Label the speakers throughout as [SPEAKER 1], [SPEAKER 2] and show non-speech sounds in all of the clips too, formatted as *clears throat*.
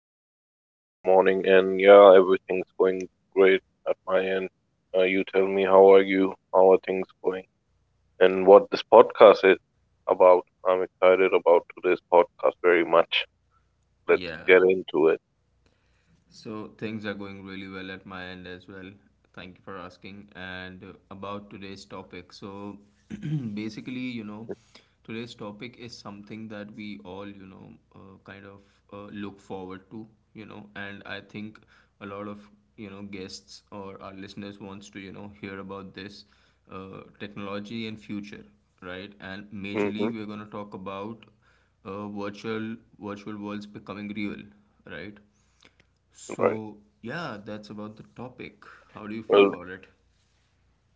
[SPEAKER 1] a wonderful good morning, and yeah, everything's going great at my end. You tell me, how are you? How are things going? And what this podcast is about. I'm excited about today's podcast very much. Let's
[SPEAKER 2] Yeah,
[SPEAKER 1] get into it.
[SPEAKER 2] so things are going really well at my end as well. Thank you for asking. And about today's topic. So *clears throat* basically, today's topic is something that we all, kind of look forward to, and I think a lot of, guests or our listeners wants to, hear about this technology and future, right? And
[SPEAKER 1] hmm
[SPEAKER 2] majorly we're going to talk about virtual worlds becoming real, right?
[SPEAKER 1] Right.
[SPEAKER 2] So, yeah, that's about the topic. How do you feel
[SPEAKER 1] Well,
[SPEAKER 2] about it?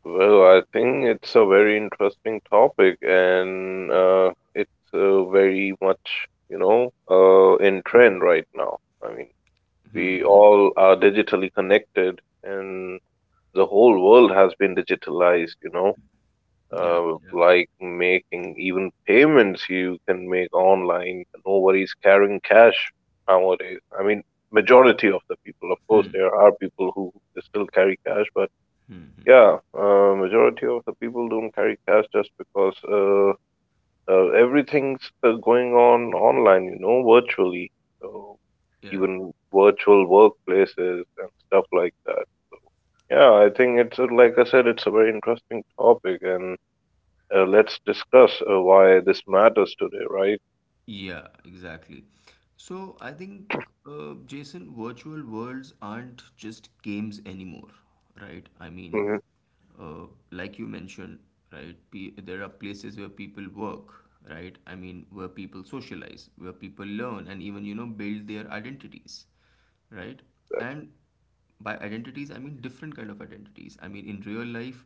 [SPEAKER 1] well, I think it's a very interesting topic, and it's very much, you know, in trend right now. I mean,
[SPEAKER 2] Hmm.
[SPEAKER 1] we
[SPEAKER 2] Hmm.
[SPEAKER 1] all are digitally connected and the whole world has been digitalized, you know,
[SPEAKER 2] Yeah. Yeah.
[SPEAKER 1] like making even payments you can make online. Nobody's carrying cash nowadays. I mean, majority of the people, of course,
[SPEAKER 2] Hmm.
[SPEAKER 1] there are people who still carry cash, but yeah, majority of the people don't carry cash just because everything's going on online, you know, virtually. So
[SPEAKER 2] Yeah.
[SPEAKER 1] even virtual workplaces and stuff like that. Yeah, I think it's like I said, it's a very interesting topic, and let's discuss why this matters today, right?
[SPEAKER 2] Yeah, exactly. So Jason, virtual worlds aren't just games anymore, right? I mean,
[SPEAKER 1] hmm
[SPEAKER 2] like you mentioned, right? Pe There are places where people work, right? I mean, where people socialize, where people learn, and even, you know, build their identities, right? And by identities I mean different kind of identities. I mean, in real life,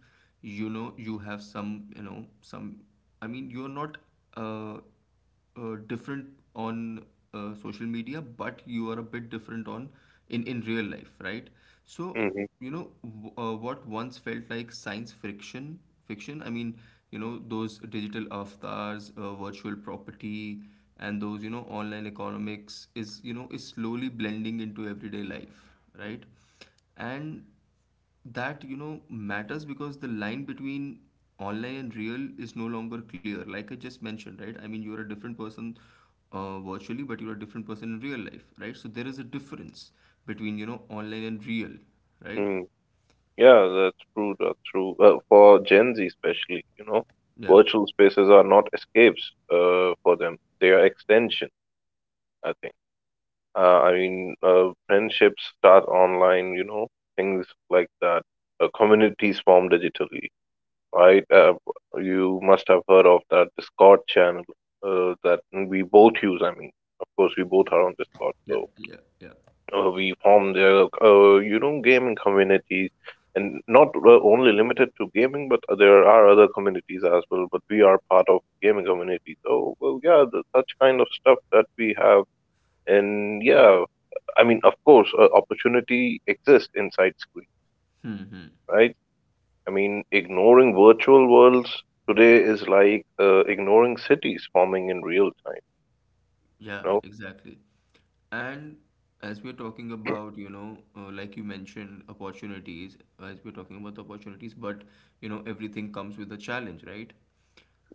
[SPEAKER 2] you know, you have some, you know some I mean you're not uh different on social media, but you are a bit different on in real life, right? So
[SPEAKER 1] hmm
[SPEAKER 2] you know what once felt like science friction fiction. I mean, you know, those digital avatars, virtual property, and those, you know, online economics is, you know, is slowly blending into everyday life, right? And that, you know, matters because the line between online and real is no longer clear, like I just mentioned, right? I mean, you're a different person virtually, but you're a different person in real life, right? So there is a difference between, you know, online and real, right?
[SPEAKER 1] hmm Yeah, that's true. That's true. For Gen Z especially, you know,
[SPEAKER 2] yeah
[SPEAKER 1] virtual spaces are not escapes for them. They are extension, I think. Friendships start online, you know, things like that. Communities form digitally. I You must have heard of that Discord channel that we both use. I mean, of course, we both are on Discord, so
[SPEAKER 2] yeah yeah yeah
[SPEAKER 1] we form their you know gaming communities, and not only limited to gaming, but there are other communities as well. But we are part of gaming community, so well, yeah, such kind of stuff that we have, and
[SPEAKER 2] yeah
[SPEAKER 1] yeah, I mean, of course, opportunity exists inside screen,
[SPEAKER 2] Hmm.
[SPEAKER 1] right? I mean, ignoring virtual worlds today is like ignoring cities forming in real time.
[SPEAKER 2] Yeah,
[SPEAKER 1] You know?
[SPEAKER 2] exactly. And as we're talking about, you know, like you mentioned opportunities as we're talking about the opportunities but you know, everything comes with a challenge, right?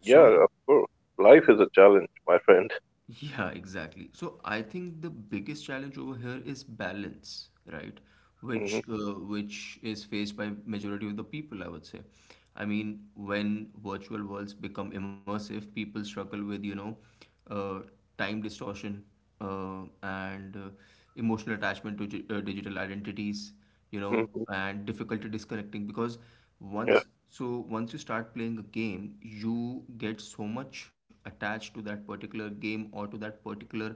[SPEAKER 2] So
[SPEAKER 1] Yeah, of course. Life is a challenge, my friend.
[SPEAKER 2] yeah, exactly. So I think the biggest challenge over here is balance, right?
[SPEAKER 1] *laughs* hmm
[SPEAKER 2] Which is faced by majority of the people, I would say. I mean, when virtual worlds become immersive, people struggle with, you know, uh, time distortion and emotional attachment to digital identities, you know,
[SPEAKER 1] hmm
[SPEAKER 2] and difficulty disconnecting. Because
[SPEAKER 1] Yeah.
[SPEAKER 2] once you start playing a game, you get so much attached to that particular game or to that particular,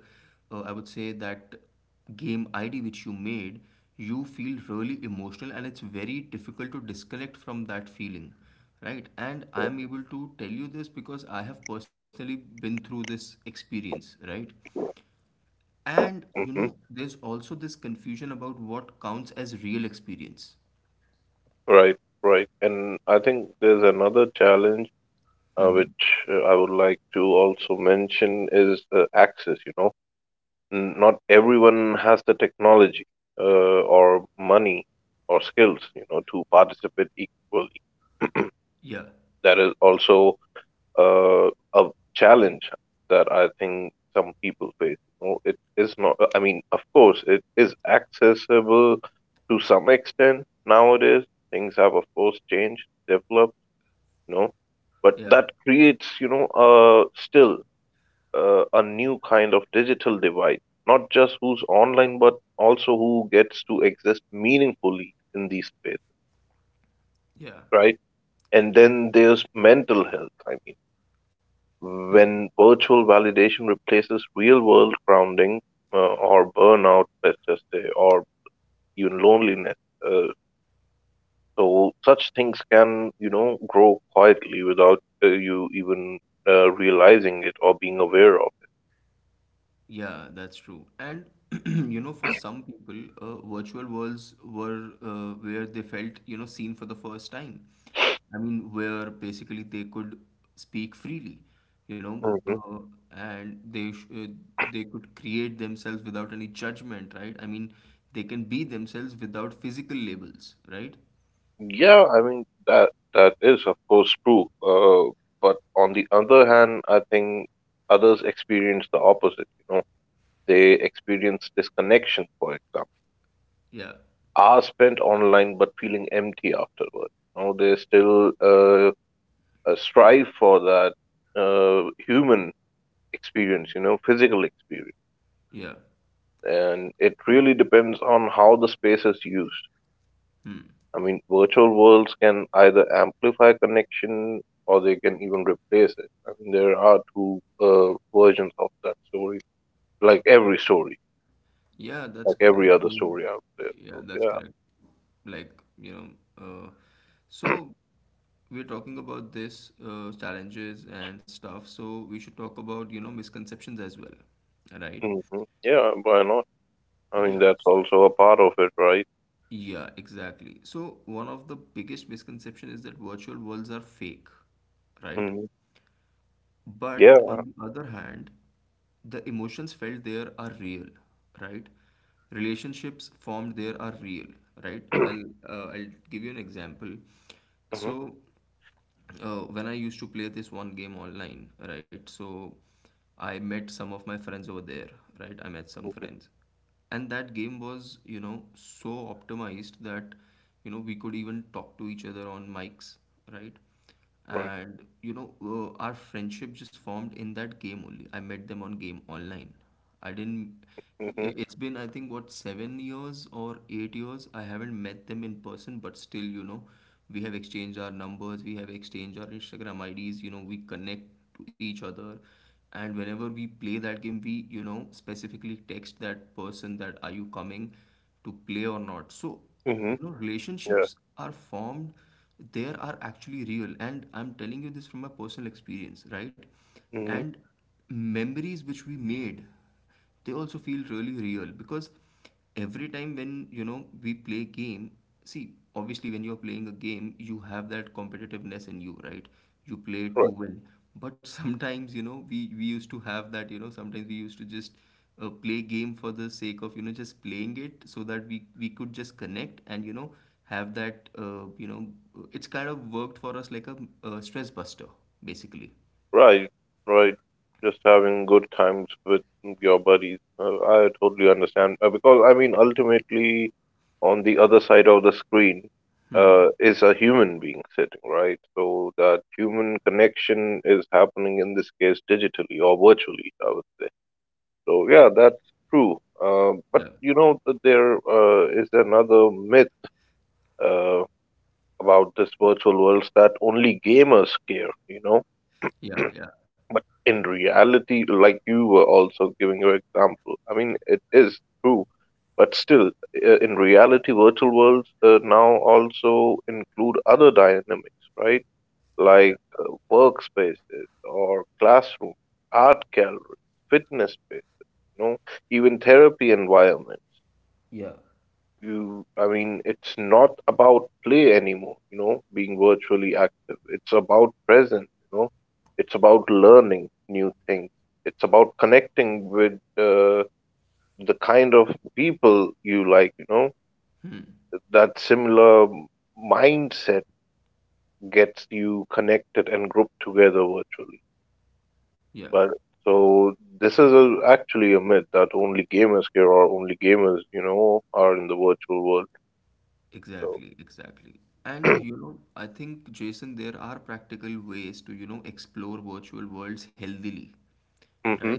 [SPEAKER 2] I would say that game ID which you made, you feel really emotional and it's very difficult to disconnect from that feeling, right? And I'm able to tell you this because I have personally been through this experience, right? And you
[SPEAKER 1] hmm
[SPEAKER 2] know, there's also this confusion about what counts as real experience.
[SPEAKER 1] Right. Right. And I think there's another challenge
[SPEAKER 2] Mm-hmm.
[SPEAKER 1] which I would like to also mention is access. You know, N- not everyone has the technology uh, or money or skills. You know, to participate equally.
[SPEAKER 2] Yeah,
[SPEAKER 1] That is also uh, a challenge that I think some people face. You know, it is not, I mean, of course, it is accessible to some extent nowadays. Things have, of course, changed, developed, you know, but
[SPEAKER 2] yeah,
[SPEAKER 1] that creates, you know, still a new kind of digital divide. Not just who's online, but also who gets to exist meaningfully in these spaces,
[SPEAKER 2] yeah,
[SPEAKER 1] right? And then there's mental health. I mean, when virtual validation replaces real-world grounding, or burnout, let's just say, or even loneliness, uh, so such things can, you know, grow quietly without you even realizing it or being aware of
[SPEAKER 2] yeah, that's true. And *clears throat* you know, for some people, virtual worlds were where they felt, you know, seen for the first time. I mean, where basically they could speak freely, you know,
[SPEAKER 1] it.
[SPEAKER 2] and they sh they could create themselves without any judgment, right? I mean, they can be themselves without physical labels, right?
[SPEAKER 1] Yeah, I mean that is of course true. But on the other hand, I think others experience the opposite. You know, they experience disconnection, for example
[SPEAKER 2] Yeah,
[SPEAKER 1] hours spent online but feeling empty afterward. Now they still strive for that human experience, you know, physical experience,
[SPEAKER 2] yeah.
[SPEAKER 1] and it really depends on how the space is used. I mean, virtual worlds can either amplify connection or they can even replace it. I mean, there are two versions of that story,
[SPEAKER 2] Yeah, that's
[SPEAKER 1] like every
[SPEAKER 2] correct. I
[SPEAKER 1] other
[SPEAKER 2] mean,
[SPEAKER 1] story out there.
[SPEAKER 2] yeah,
[SPEAKER 1] So
[SPEAKER 2] that's
[SPEAKER 1] yeah,
[SPEAKER 2] correct. Like, you know, so we're talking about this challenges and stuff, so we should talk about, you know, misconceptions as well, right?
[SPEAKER 1] yeah, why not? I mean,
[SPEAKER 2] Yeah.
[SPEAKER 1] that's also a part of it, right?
[SPEAKER 2] Yeah, exactly. So one of the biggest misconception is that virtual worlds are fake, right?
[SPEAKER 1] Mhm.
[SPEAKER 2] But
[SPEAKER 1] Yeah.
[SPEAKER 2] on the other hand, the emotions felt there are real, right? Relationships formed there are real, right? I'll
[SPEAKER 1] *clears throat*
[SPEAKER 2] uh, I'll give you an example.
[SPEAKER 1] Mhm.
[SPEAKER 2] So when I used to play this one game online, right? So I met some of my friends over there, right? I met some
[SPEAKER 1] Mhm.
[SPEAKER 2] friends. And that game was, you know, so optimized that, you know, we could even talk to each other on mics, right?
[SPEAKER 1] Right.
[SPEAKER 2] And, you know, our friendship just formed in that game only. I met them on game online, I didn't.
[SPEAKER 1] Mhm.
[SPEAKER 2] It's been, I think, what, 7 years or 8 years. I haven't met them in person, but still, you know, we have exchanged our numbers, we have exchanged our Instagram IDs, you know, we connect to each other. And whenever we play that game, we, you know, specifically text that person that are you coming to play or not. So,
[SPEAKER 1] Mhm.
[SPEAKER 2] you know,
[SPEAKER 1] Yeah.
[SPEAKER 2] relationships are formed, there are actually real. And I'm telling you this from my personal experience, right?
[SPEAKER 1] Mhm.
[SPEAKER 2] And memories which we made, they also feel really real. Because every time when, you know, we play game, see obviously when you're playing a game, you have that competitiveness in you, right? You play to
[SPEAKER 1] Right.
[SPEAKER 2] win. But *laughs* sometimes, you know, we used to have that, you know, sometimes we used to just play game for the sake of, you know, just playing it, so that we could just connect and, you know, have that you know, it's kind of worked for us like a stress buster basically.
[SPEAKER 1] Right. Right. Just having good times with your buddies. I totally understand because I mean, ultimately, on the other side of the screen, is a human being sitting, right? So that human connection is happening in this case digitally or virtually, I would say. So yeah, that's true. But
[SPEAKER 2] Yeah.
[SPEAKER 1] you know, there is another myth. Uh, about this virtual worlds that only gamers care, you know.
[SPEAKER 2] Yeah, yeah.
[SPEAKER 1] But in reality, like you were also giving your example, I mean, it is true. But still, in reality, virtual worlds now also include other dynamics, right?
[SPEAKER 2] Yeah.
[SPEAKER 1] Like workspaces or classrooms, art galleries, fitness space, you know, even therapy environment.
[SPEAKER 2] Yeah.
[SPEAKER 1] You, I mean, it's not about play anymore, you know, being virtually active, it's about presence, you know, it's about learning new things, it's about connecting with the kind of people you like, you know, that similar mindset gets you connected and grouped together virtually,
[SPEAKER 2] Yeah,
[SPEAKER 1] but so this is actually a myth that only gamers here or only gamers you know are in the virtual world. So
[SPEAKER 2] exactly, exactly. And you
[SPEAKER 1] *clears throat*
[SPEAKER 2] know, I think Jason, there are practical ways to, you know, explore virtual worlds healthily,
[SPEAKER 1] hmm
[SPEAKER 2] right?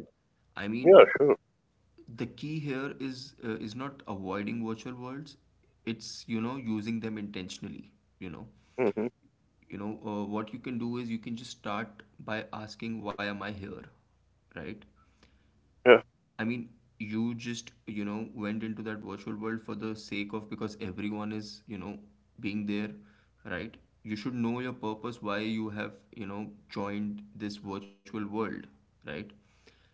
[SPEAKER 2] I mean,
[SPEAKER 1] yeah sure.
[SPEAKER 2] the key here is not avoiding virtual worlds. It's, you know, using them intentionally, you know.
[SPEAKER 1] Mhm.
[SPEAKER 2] You know, what you can do is you can just start by asking, why am I here? Right?
[SPEAKER 1] Yeah.
[SPEAKER 2] I mean, you just, you know, went into that virtual world for the sake of because everyone is, you know, being there, right? You should know your purpose, why you have, you know, joined this virtual world, right?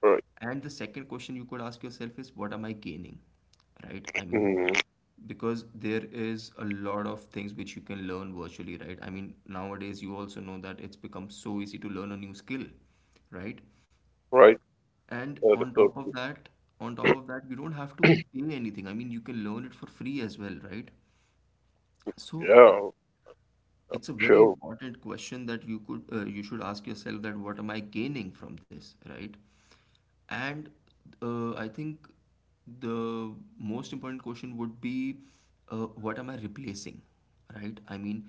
[SPEAKER 1] Right.
[SPEAKER 2] And the second question you could ask yourself is, what am I gaining, right? I mean,
[SPEAKER 1] Mhm.
[SPEAKER 2] because there is a lot of things which you can learn virtually, right? I mean, nowadays you also know that it's become so easy to learn a new skill, right?
[SPEAKER 1] Right.
[SPEAKER 2] And
[SPEAKER 1] That is
[SPEAKER 2] on
[SPEAKER 1] so
[SPEAKER 2] top of
[SPEAKER 1] true.
[SPEAKER 2] that, On top of that, you don't have to pay anything. I mean, you can learn it for free as well, right? So
[SPEAKER 1] Yeah.
[SPEAKER 2] it's a very
[SPEAKER 1] Sure.
[SPEAKER 2] important question that you could you should ask yourself, that what am I gaining from this, right? And I think the most important question would be what am I replacing, right? I mean,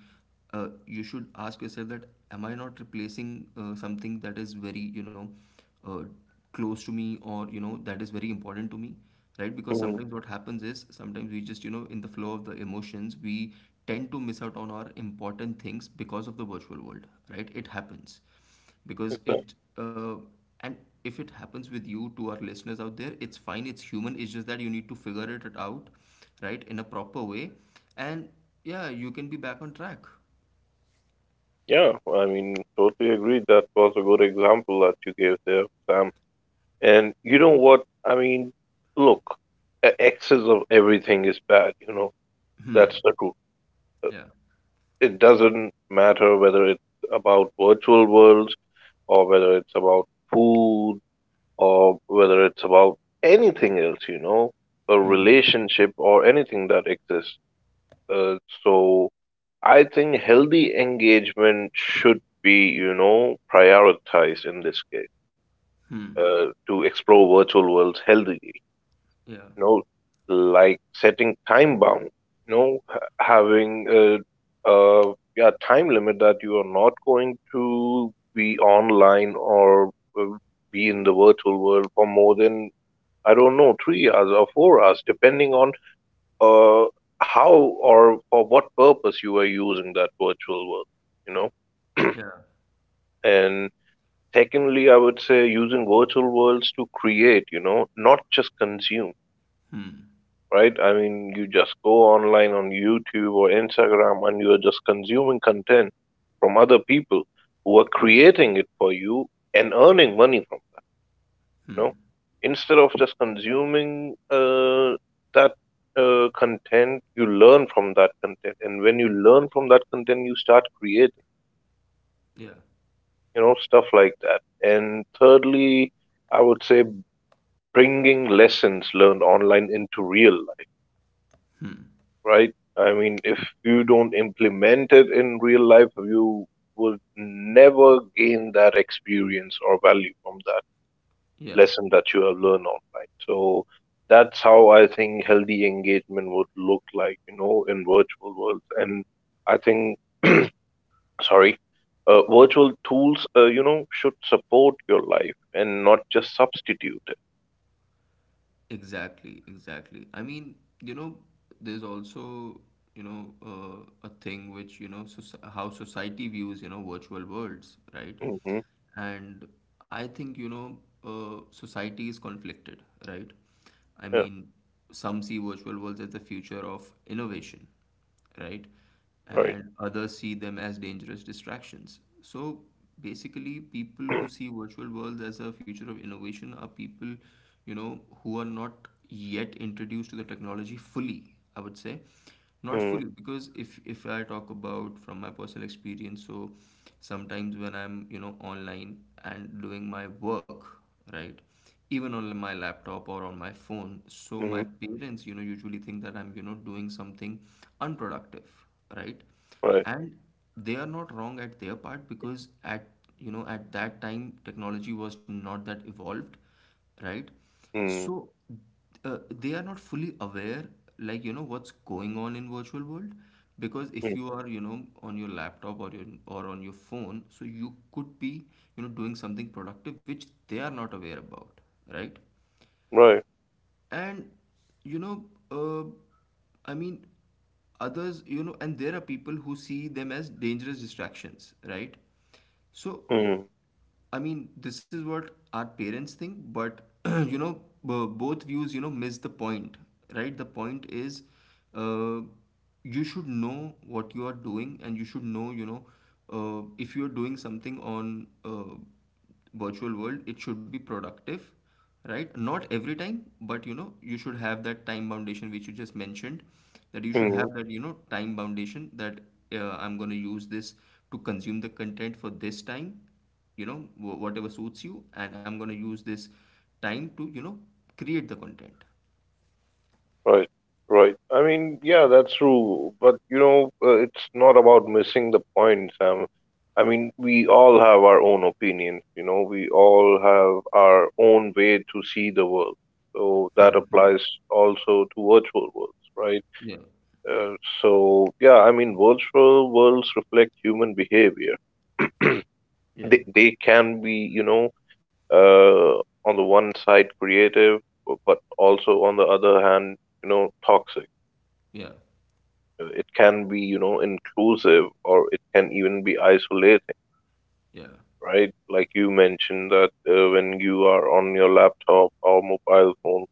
[SPEAKER 2] you should ask yourself that am I not replacing something that is very, you know, uh, close to me, or you know, that is very important to me, right? Because
[SPEAKER 1] Mhm.
[SPEAKER 2] sometimes what happens is, sometimes we just, you know, in the flow of the emotions, we tend to miss out on our important things because of the virtual world, right? It happens, because
[SPEAKER 1] Exactly.
[SPEAKER 2] it and if it happens with you to our listeners out there, it's fine, it's human. It's just that you need to figure it out, right, in a proper way, and yeah, you can be back on track.
[SPEAKER 1] Yeah. I mean, totally agree. That was a good example that you gave there, Sam. And you know what? I mean, look, excess of everything is bad. You know, that's
[SPEAKER 2] Hmm.
[SPEAKER 1] the truth.
[SPEAKER 2] Yeah.
[SPEAKER 1] It doesn't matter whether it's about virtual worlds or whether it's about food or whether it's about anything else. You know, a
[SPEAKER 2] Hmm. Hmm.
[SPEAKER 1] relationship or anything that exists. Uh, so I think healthy engagement should be, you know, prioritized in this case
[SPEAKER 2] Hmm,
[SPEAKER 1] to explore virtual worlds healthily.
[SPEAKER 2] yeah.
[SPEAKER 1] You know, like setting time bound. You know, having a yeah time limit that you are not going to be online or uh, be in the virtual world for more than I don't know 3 hours or 4 hours, depending on uh, how or for what purpose you are using that virtual world, you know.
[SPEAKER 2] Yeah.
[SPEAKER 1] And secondly, I would say using virtual worlds to create, you know, not just consume,
[SPEAKER 2] Hmm.
[SPEAKER 1] right? I mean, you just go online on YouTube or Instagram and you are just consuming content from other people who are creating it for you and earning money from you
[SPEAKER 2] Hmm.
[SPEAKER 1] know, instead of just consuming that content. You learn from that content, and when you learn from that content you start creating,
[SPEAKER 2] Yeah,
[SPEAKER 1] you know, stuff like that. And thirdly, I would say bringing lessons learned online into real life, right? I mean, if you don't implement it in real life you would never gain that experience or value from that
[SPEAKER 2] yeah,
[SPEAKER 1] lesson that you have learned online. So that's how I think healthy engagement would look like, you know, in virtual worlds. And I think, *clears throat* sorry, virtual tools, you know, should support your life and not just substitute it.
[SPEAKER 2] exactly, exactly. I mean, you know, there's also, you know, a thing which, you know, soci how society views, you know, virtual worlds, right?
[SPEAKER 1] hmm
[SPEAKER 2] And I think, you know, society is conflicted, right? I
[SPEAKER 1] Yeah,
[SPEAKER 2] mean, some see virtual worlds as the future of innovation, right?
[SPEAKER 1] right.
[SPEAKER 2] And others see them as dangerous distractions. So basically, people who
[SPEAKER 1] *clears throat*
[SPEAKER 2] see virtual worlds as a future of innovation are people, you know, who are not yet introduced to the technology fully, I would say. Not fully, because if I talk about from my personal experience, so sometimes when I'm, you know, online and doing my work, right, even on my laptop or on my phone, so my
[SPEAKER 1] Mm-hmm.
[SPEAKER 2] parents, you know, usually think that I'm, you know, doing something unproductive, right?
[SPEAKER 1] Right.
[SPEAKER 2] And they are not wrong at their part, because at, you know, at that time technology was not that evolved, right?
[SPEAKER 1] Mm-hmm.
[SPEAKER 2] So they are not fully aware, like you know what's going on in virtual world. Because if
[SPEAKER 1] Mm-hmm.
[SPEAKER 2] you are, you know, on your laptop or your, or on your phone, so you could be, you know, doing something productive which they are not aware about, right?
[SPEAKER 1] Right.
[SPEAKER 2] And you know, uh, i mean others, you know, and there are people who see them as dangerous distractions, right? So
[SPEAKER 1] Mm-hmm.
[SPEAKER 2] I mean, this is what our parents think. But *clears throat* you know, both views, you know, miss the point, right? The point is, uh, you should know what you are doing, and you should know, if you are doing something on virtual world, it should be productive, right? Not every time, but you know, you should have that time foundation which you just mentioned, that you should
[SPEAKER 1] Mm-hmm.
[SPEAKER 2] have that, time foundation that I'm going to use this to consume the content for this time, whatever suits you. And I'm going to use this time to, create the content.
[SPEAKER 1] Right, right. I mean, yeah, that's true. But you know, it's not about missing the point, Sam. I mean, we all have our own opinions. You know, we all have our own way to see the world. So that
[SPEAKER 2] Hmm.
[SPEAKER 1] applies also to virtual worlds, right?
[SPEAKER 2] Yeah,
[SPEAKER 1] Uh, so yeah, I mean, virtual worlds reflect human behavior.
[SPEAKER 2] yeah,
[SPEAKER 1] They can be, you know, uh, on the one side creative, but also on the other hand, you know, toxic.
[SPEAKER 2] yeah,
[SPEAKER 1] It can be, you know, inclusive, or it can even be isolating,
[SPEAKER 2] yeah,
[SPEAKER 1] right? Like you mentioned, that when you are on your laptop or mobile phone,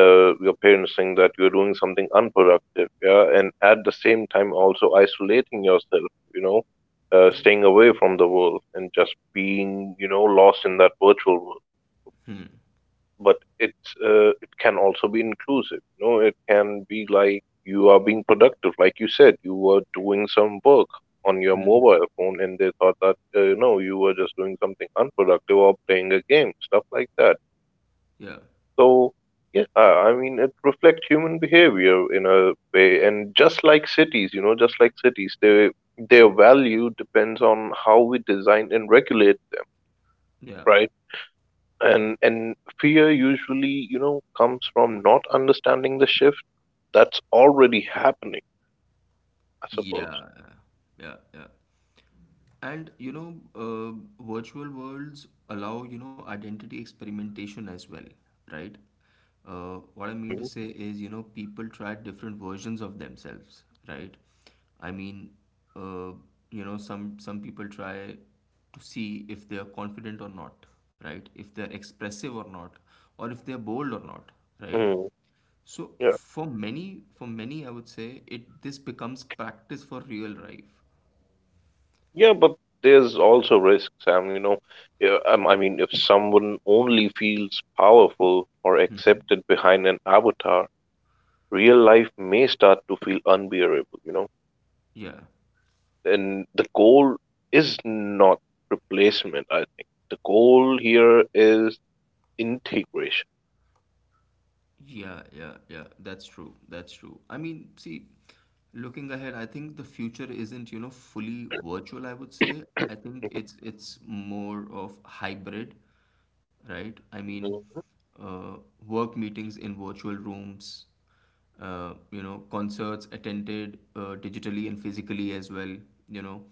[SPEAKER 1] your parents think that you're doing something unproductive, yeah, and at the same time also isolating yourself, you know,
[SPEAKER 2] yeah.
[SPEAKER 1] staying away from the world and just being, you know, lost in that virtual world.
[SPEAKER 2] Hmm.
[SPEAKER 1] But it uh, it can also be inclusive, you know, it can be like you are being productive, like you said you were doing some work on your
[SPEAKER 2] Hmm.
[SPEAKER 1] mobile phone and they thought that you know you were just doing something unproductive or playing a game, stuff like that.
[SPEAKER 2] Yeah,
[SPEAKER 1] So yeah, I mean it reflects human behavior in a way, and just like cities, you know, just like cities, they their value depends on how we design and regulate them,
[SPEAKER 2] yeah.
[SPEAKER 1] right? And fear usually, you know, comes from not understanding the shift that's already happening, I suppose.
[SPEAKER 2] Yeah, yeah, yeah. And you know, virtual worlds allow, identity experimentation as well, right? What I mean to
[SPEAKER 1] hmm
[SPEAKER 2] say is, people try different versions of themselves, right? I mean, uh, some people try to see if they are confident or not, right? If they're expressive or not, or if they're bold or not, right?
[SPEAKER 1] mm.
[SPEAKER 2] So
[SPEAKER 1] yeah
[SPEAKER 2] for many, I would say it this becomes practice for real life.
[SPEAKER 1] yeah but there's also risk, Sam, you know. Yeah, I mean if someone only feels powerful or
[SPEAKER 2] Hmm.
[SPEAKER 1] accepted behind an avatar, real life may start to feel unbearable, you know.
[SPEAKER 2] Yeah.
[SPEAKER 1] And the goal is not replacement. I think the goal here is integration.
[SPEAKER 2] Yeah, yeah, yeah. That's true. That's true. I mean, see, looking ahead, I think the future isn't, fully virtual, I would say.
[SPEAKER 1] *coughs*
[SPEAKER 2] I think it's
[SPEAKER 1] *clears throat*
[SPEAKER 2] it's more of hybrid, right? I mean,
[SPEAKER 1] Mhm.
[SPEAKER 2] uh, work meetings in virtual rooms, concerts attended digitally and physically as well, you know,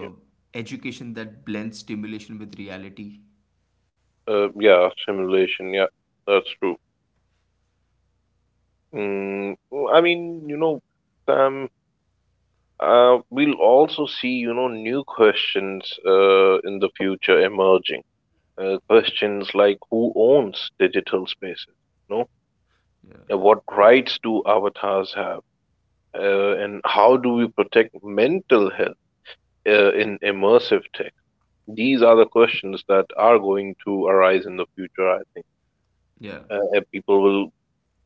[SPEAKER 1] Mhm.
[SPEAKER 2] education that blends stimulation with reality.
[SPEAKER 1] Yeah, simulation. Yeah, that's true. Oh, I mean, you know, Sam, we'll also see, you know, new questions in the future emerging. Questions like who owns digital spaces? You know,
[SPEAKER 2] Yeah.
[SPEAKER 1] and what rights do avatars have? And how do we protect mental health in immersive tech? These are the questions that are going to arise in the future, I think.
[SPEAKER 2] Yeah.
[SPEAKER 1] And people will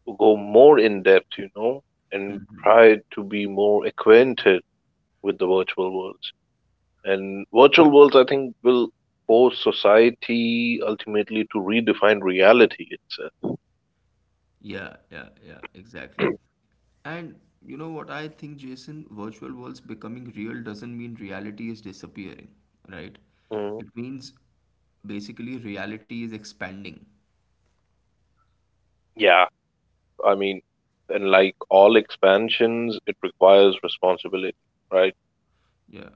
[SPEAKER 1] to go more in depth, you know, and try to be more acquainted with the virtual worlds. And virtual worlds, I think, will force society ultimately to redefine reality itself.
[SPEAKER 2] Yeah, yeah, yeah, exactly.
[SPEAKER 1] *clears throat*
[SPEAKER 2] And you know what I think, Jason? Virtual worlds becoming real doesn't mean reality is disappearing, right?
[SPEAKER 1] Mm,
[SPEAKER 2] It means basically reality is expanding.
[SPEAKER 1] yeah, I mean, and like all expansions, it requires responsibility, right?
[SPEAKER 2] Yeah.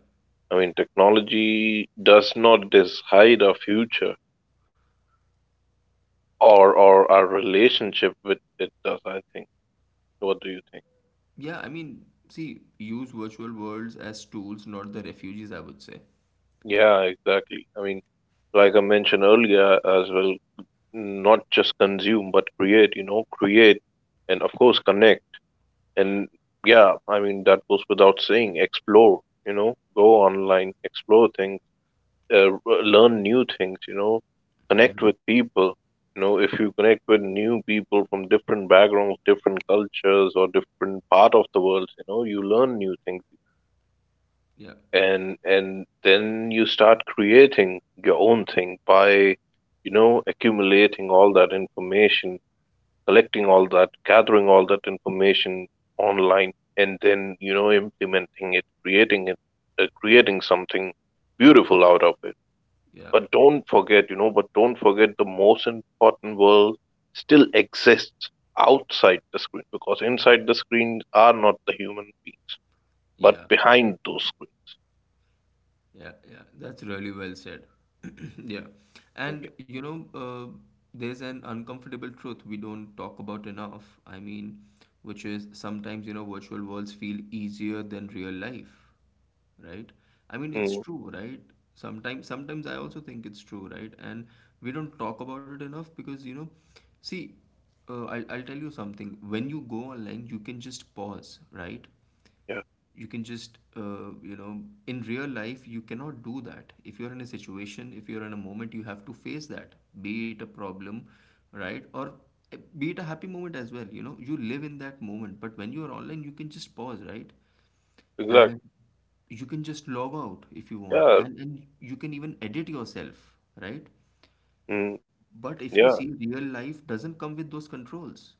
[SPEAKER 1] I mean, technology does not decide our future or our relationship with it does, I think. What do you think?
[SPEAKER 2] Yeah, I mean, see, use virtual worlds as tools, not the refugees, I would say.
[SPEAKER 1] Yeah, exactly. I mean, like I mentioned earlier as well, not just consume but create, you know, create and of course connect. And yeah, I mean that goes without saying. Explore, you know, go online, explore things, learn new things, you know, connect
[SPEAKER 2] Hmm.
[SPEAKER 1] with people. You know, if you connect with new people from different backgrounds, different cultures, or different part of the world, you know, you learn new things
[SPEAKER 2] Yeah,
[SPEAKER 1] and then you start creating your own thing by, you know, accumulating all that information, collecting all that, gathering all that information online, and then, you know, implementing it, creating it, creating something beautiful out of it.
[SPEAKER 2] yeah,
[SPEAKER 1] But don't forget, you know, but don't forget the most important world still exists outside the screen, because inside the screen are not the human beings, but
[SPEAKER 2] yeah.
[SPEAKER 1] behind those screens.
[SPEAKER 2] Yeah, yeah, that's really well said. *clears throat* Yeah,
[SPEAKER 1] Yeah.
[SPEAKER 2] and you know, there's an uncomfortable truth we don't talk about enough. I mean, which is sometimes, virtual worlds feel easier than real life, right? I mean, it's
[SPEAKER 1] Hmm.
[SPEAKER 2] true, right? Sometimes, I also think it's true, right? And we don't talk about it enough because, see, I'll tell you something. When you go online, you can just pause, right?
[SPEAKER 1] Yeah,
[SPEAKER 2] You can just, in real life you cannot do that. If you're in a situation, if you're in a moment, you have to face that, be it a problem, right? Or, be it a happy moment as well. You live in that moment, but when you are online you can just pause, right?
[SPEAKER 1] exactly.
[SPEAKER 2] And you can just log out if you want,
[SPEAKER 1] Yeah,
[SPEAKER 2] and you can even edit yourself, right?
[SPEAKER 1] mm,
[SPEAKER 2] But if you see,
[SPEAKER 1] yeah,
[SPEAKER 2] real life doesn't come with those controls.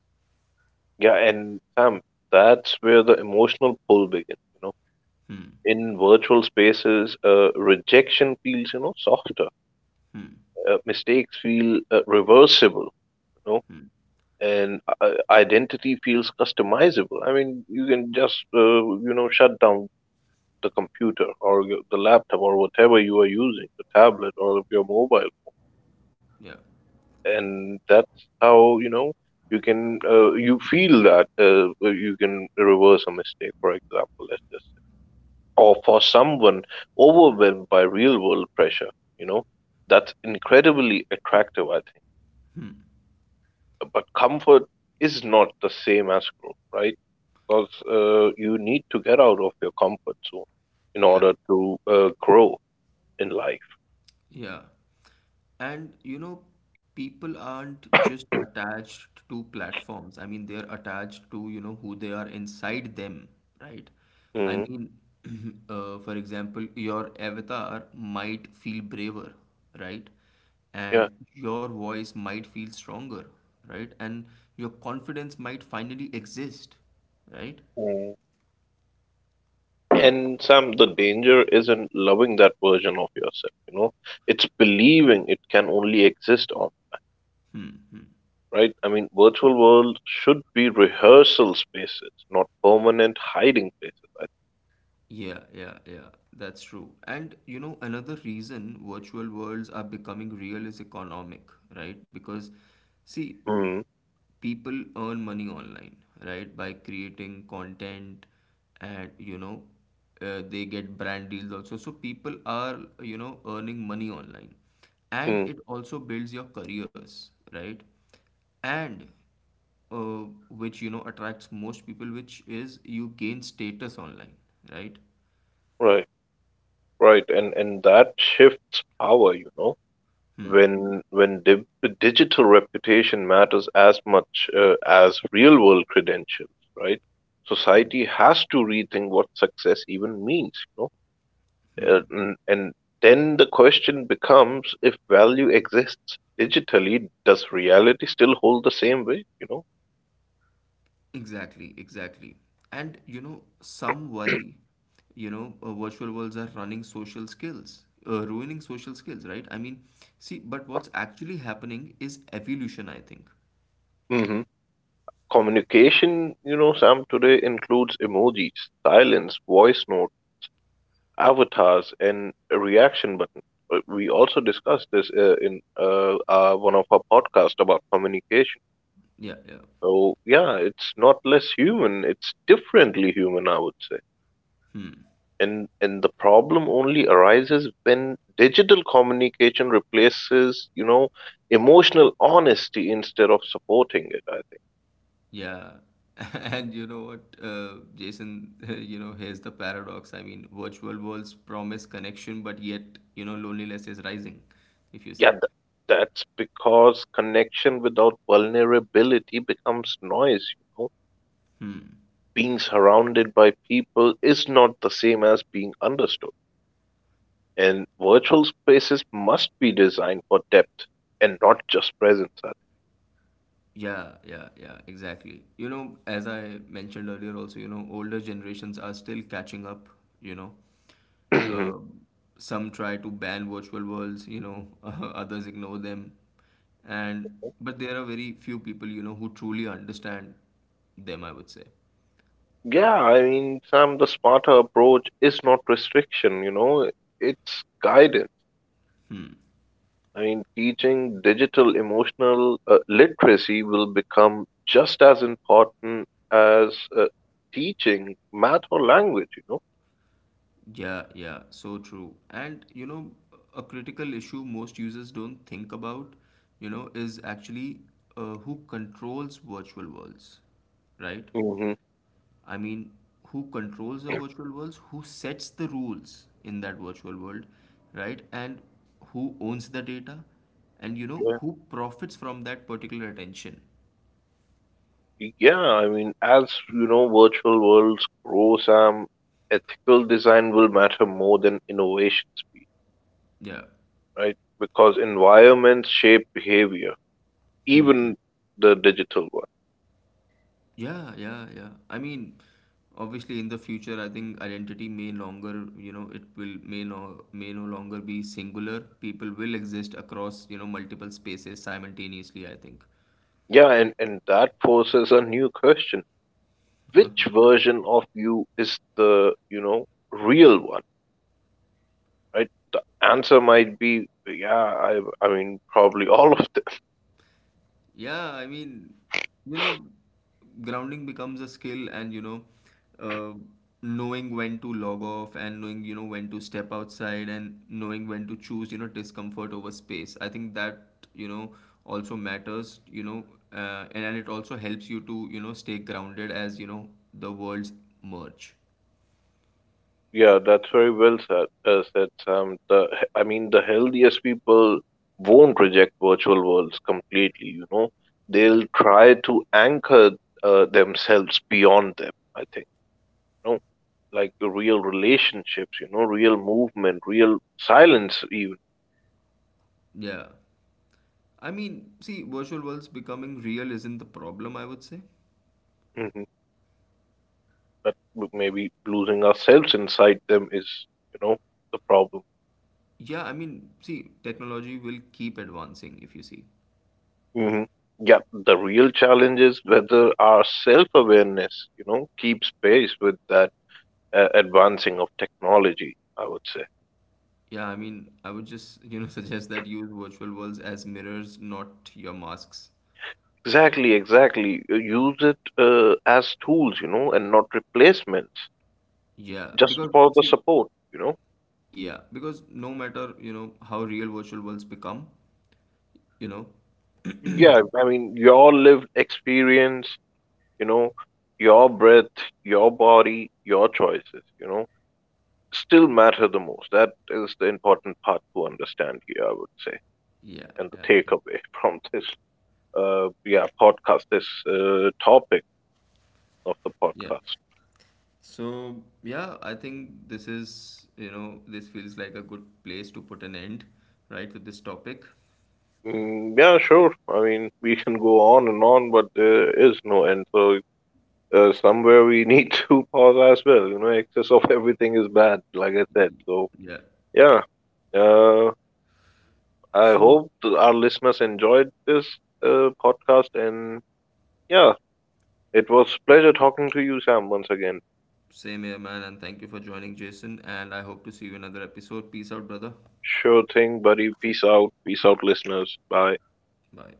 [SPEAKER 1] yeah. And Sam, that's where the emotional pull begins. You know,
[SPEAKER 2] Hmm.
[SPEAKER 1] in virtual spaces, rejection feels, you know, softer.
[SPEAKER 2] Hmm.
[SPEAKER 1] Mistakes feel reversible. You know,
[SPEAKER 2] Hmm.
[SPEAKER 1] and identity feels customizable. I mean, you can just you know shut down the computer or the laptop or whatever you are using, the tablet or your mobile,
[SPEAKER 2] Yeah,
[SPEAKER 1] and that's how, you know, you can you feel that you can reverse a mistake, for example, let's just say. Or for someone overwhelmed by real world pressure, you know, that's incredibly attractive, I think. But comfort is not the same as growth, right? Because you need to get out of your comfort zone in
[SPEAKER 2] yeah.
[SPEAKER 1] order to grow in life.
[SPEAKER 2] Yeah. And you know, people aren't just attached to platforms. I mean, they're attached to, who they are inside them, right? I
[SPEAKER 1] Hmm.
[SPEAKER 2] mean, *clears throat* for example, your avatar might feel braver, right? And your voice might feel stronger, right? And your confidence might finally exist, right?
[SPEAKER 1] Yeah. And Sam, the danger isn't loving that version of yourself, you know. It's believing it can only exist on, right? I mean, virtual world should be rehearsal spaces, not permanent hiding places. I
[SPEAKER 2] Yeah, yeah, yeah, that's true. And you know, another reason virtual worlds are becoming real is economic, right? Because, see,
[SPEAKER 1] think.
[SPEAKER 2] people earn money online, right? By creating content and, they get brand deals also. So people are, earning money online.
[SPEAKER 1] Hmm.
[SPEAKER 2] And
[SPEAKER 1] Hmm.
[SPEAKER 2] it also builds your careers, right? And which, attracts most people, which is you gain status online, right?
[SPEAKER 1] Right. Right. And that shifts power, you know.
[SPEAKER 2] Hmm.
[SPEAKER 1] When when di- Digital reputation matters as much as real world credentials, right?
[SPEAKER 2] Hmm.
[SPEAKER 1] Society has to rethink what success even means, you know.
[SPEAKER 2] Hmm.
[SPEAKER 1] And then the question becomes, if value exists digitally, does reality still hold the same way, you know.
[SPEAKER 2] Exactly, exactly. And you know, some worry, virtual worlds are ruining social skills, right? I mean, see, but what's actually happening is evolution, I think.
[SPEAKER 1] Hmm. Communication, you know, Sam, today includes emojis, silence, voice note, avatars, and a reaction button. We also discussed this in one of our podcasts about communication.
[SPEAKER 2] Yeah, yeah.
[SPEAKER 1] So yeah, it's not less human, it's differently human, I would say.
[SPEAKER 2] Hmm.
[SPEAKER 1] And the problem only arises when digital communication replaces, you know, emotional honesty instead of supporting it, I think.
[SPEAKER 2] Yeah. *laughs* And you know what, Jason, *laughs* here's the paradox. I mean, virtual worlds promise connection, but yet, loneliness is rising, if you
[SPEAKER 1] yeah
[SPEAKER 2] see.
[SPEAKER 1] th- that's because connection without vulnerability becomes noise, you know.
[SPEAKER 2] Hmm.
[SPEAKER 1] Being surrounded by people is not the same as being understood, and virtual spaces must be designed for depth and not just presence, I
[SPEAKER 2] Yeah, yeah, yeah, exactly. As I mentioned earlier, also, older generations are still catching up, you know.
[SPEAKER 1] think. *clears throat*
[SPEAKER 2] Um some try to ban virtual worlds, *laughs* others ignore them. And, but there are very few people, who truly understand them, I would say.
[SPEAKER 1] Yeah, I mean, Sam, the smarter approach is not restriction, you know, it's guidance.
[SPEAKER 2] Hmm.
[SPEAKER 1] I mean, teaching digital emotional literacy will become just as important as teaching math or language, you know.
[SPEAKER 2] Yeah, yeah, so true. And a critical issue most users don't think about, is actually who controls virtual worlds, right?
[SPEAKER 1] Hmm.
[SPEAKER 2] I mean, who controls the virtual worlds, who sets the rules in that virtual world, right? And who owns the data, and
[SPEAKER 1] Yeah.
[SPEAKER 2] who profits from that particular attention.
[SPEAKER 1] Yeah, I mean, as you know, virtual worlds grow, Sam, ethical design will matter more than innovation speed,
[SPEAKER 2] Yeah.
[SPEAKER 1] right? Because environments shape behavior,
[SPEAKER 2] Hmm. Hmm.
[SPEAKER 1] even the digital one.
[SPEAKER 2] Yeah, yeah, yeah. I mean, obviously, in the future, I think identity may longer, you know, it will may no longer be singular. People will exist across, multiple spaces simultaneously, I think.
[SPEAKER 1] Yeah, and that poses a new question. Which version of you is the, you know, real one, right? The answer might be, yeah, I mean, probably *laughs* all of them. *laughs*
[SPEAKER 2] Yeah, I mean, you know, grounding becomes a skill and, uh, knowing when to log off and knowing, when to step outside and knowing when to choose, discomfort over space. I think that, also matters, and it also helps you to, stay grounded as, the worlds merge.
[SPEAKER 1] Yeah, that's very well said, said Sam. The, I mean, the healthiest people won't reject virtual worlds completely, you know.
[SPEAKER 2] Yeah.
[SPEAKER 1] They'll try to anchor themselves beyond them, I think, you know, like the real relationships, you know, real movement, real silence, even.
[SPEAKER 2] Yeah. I mean, see, virtual worlds becoming real isn't the problem, I would say.
[SPEAKER 1] Mhm. Maybe losing ourselves inside them is, you know, the problem.
[SPEAKER 2] Yeah, I mean, see, technology will keep advancing if you see.
[SPEAKER 1] Hmm. Yeah, the real challenge is whether our self awareness, you know, keeps pace with that advancing of technology, I would say.
[SPEAKER 2] Yeah, I mean, I would just, *laughs* suggest that use virtual worlds as mirrors, not your masks.
[SPEAKER 1] Exactly, exactly. Use it as tools, you know, and not replacements,
[SPEAKER 2] Yeah,
[SPEAKER 1] just
[SPEAKER 2] because
[SPEAKER 1] for the
[SPEAKER 2] see,
[SPEAKER 1] support, you know.
[SPEAKER 2] yeah, because no matter, how real virtual worlds become, you know,
[SPEAKER 1] Yeah, I mean, your lived experience, you know, your breath, your body, your choices, you know, still matter the most. That is the important part to understand here, I would say,
[SPEAKER 2] yeah,
[SPEAKER 1] and the
[SPEAKER 2] yeah, yeah.
[SPEAKER 1] takeaway *laughs* from this, yeah, podcast, this topic of the
[SPEAKER 2] Yeah.
[SPEAKER 1] podcast.
[SPEAKER 2] So, yeah, I think this is, you know, this feels like a good place to put an end, right, with this topic.
[SPEAKER 1] Mm, yeah, sure. I mean, we can go on and on, but there is no end. So somewhere we *laughs* need to pause as well. You know, excess of everything is bad, like I said. So
[SPEAKER 2] Yeah.
[SPEAKER 1] yeah, uh, I
[SPEAKER 2] So,
[SPEAKER 1] hope our listeners enjoyed this podcast, and yeah, it was a pleasure talking to you, Sam, once again.
[SPEAKER 2] same here, man, and thank you for joining, Jason. And I hope to see you in another episode. Peace out, brother.
[SPEAKER 1] Sure thing, buddy. Peace out. Peace out, listeners. Bye.
[SPEAKER 2] Bye.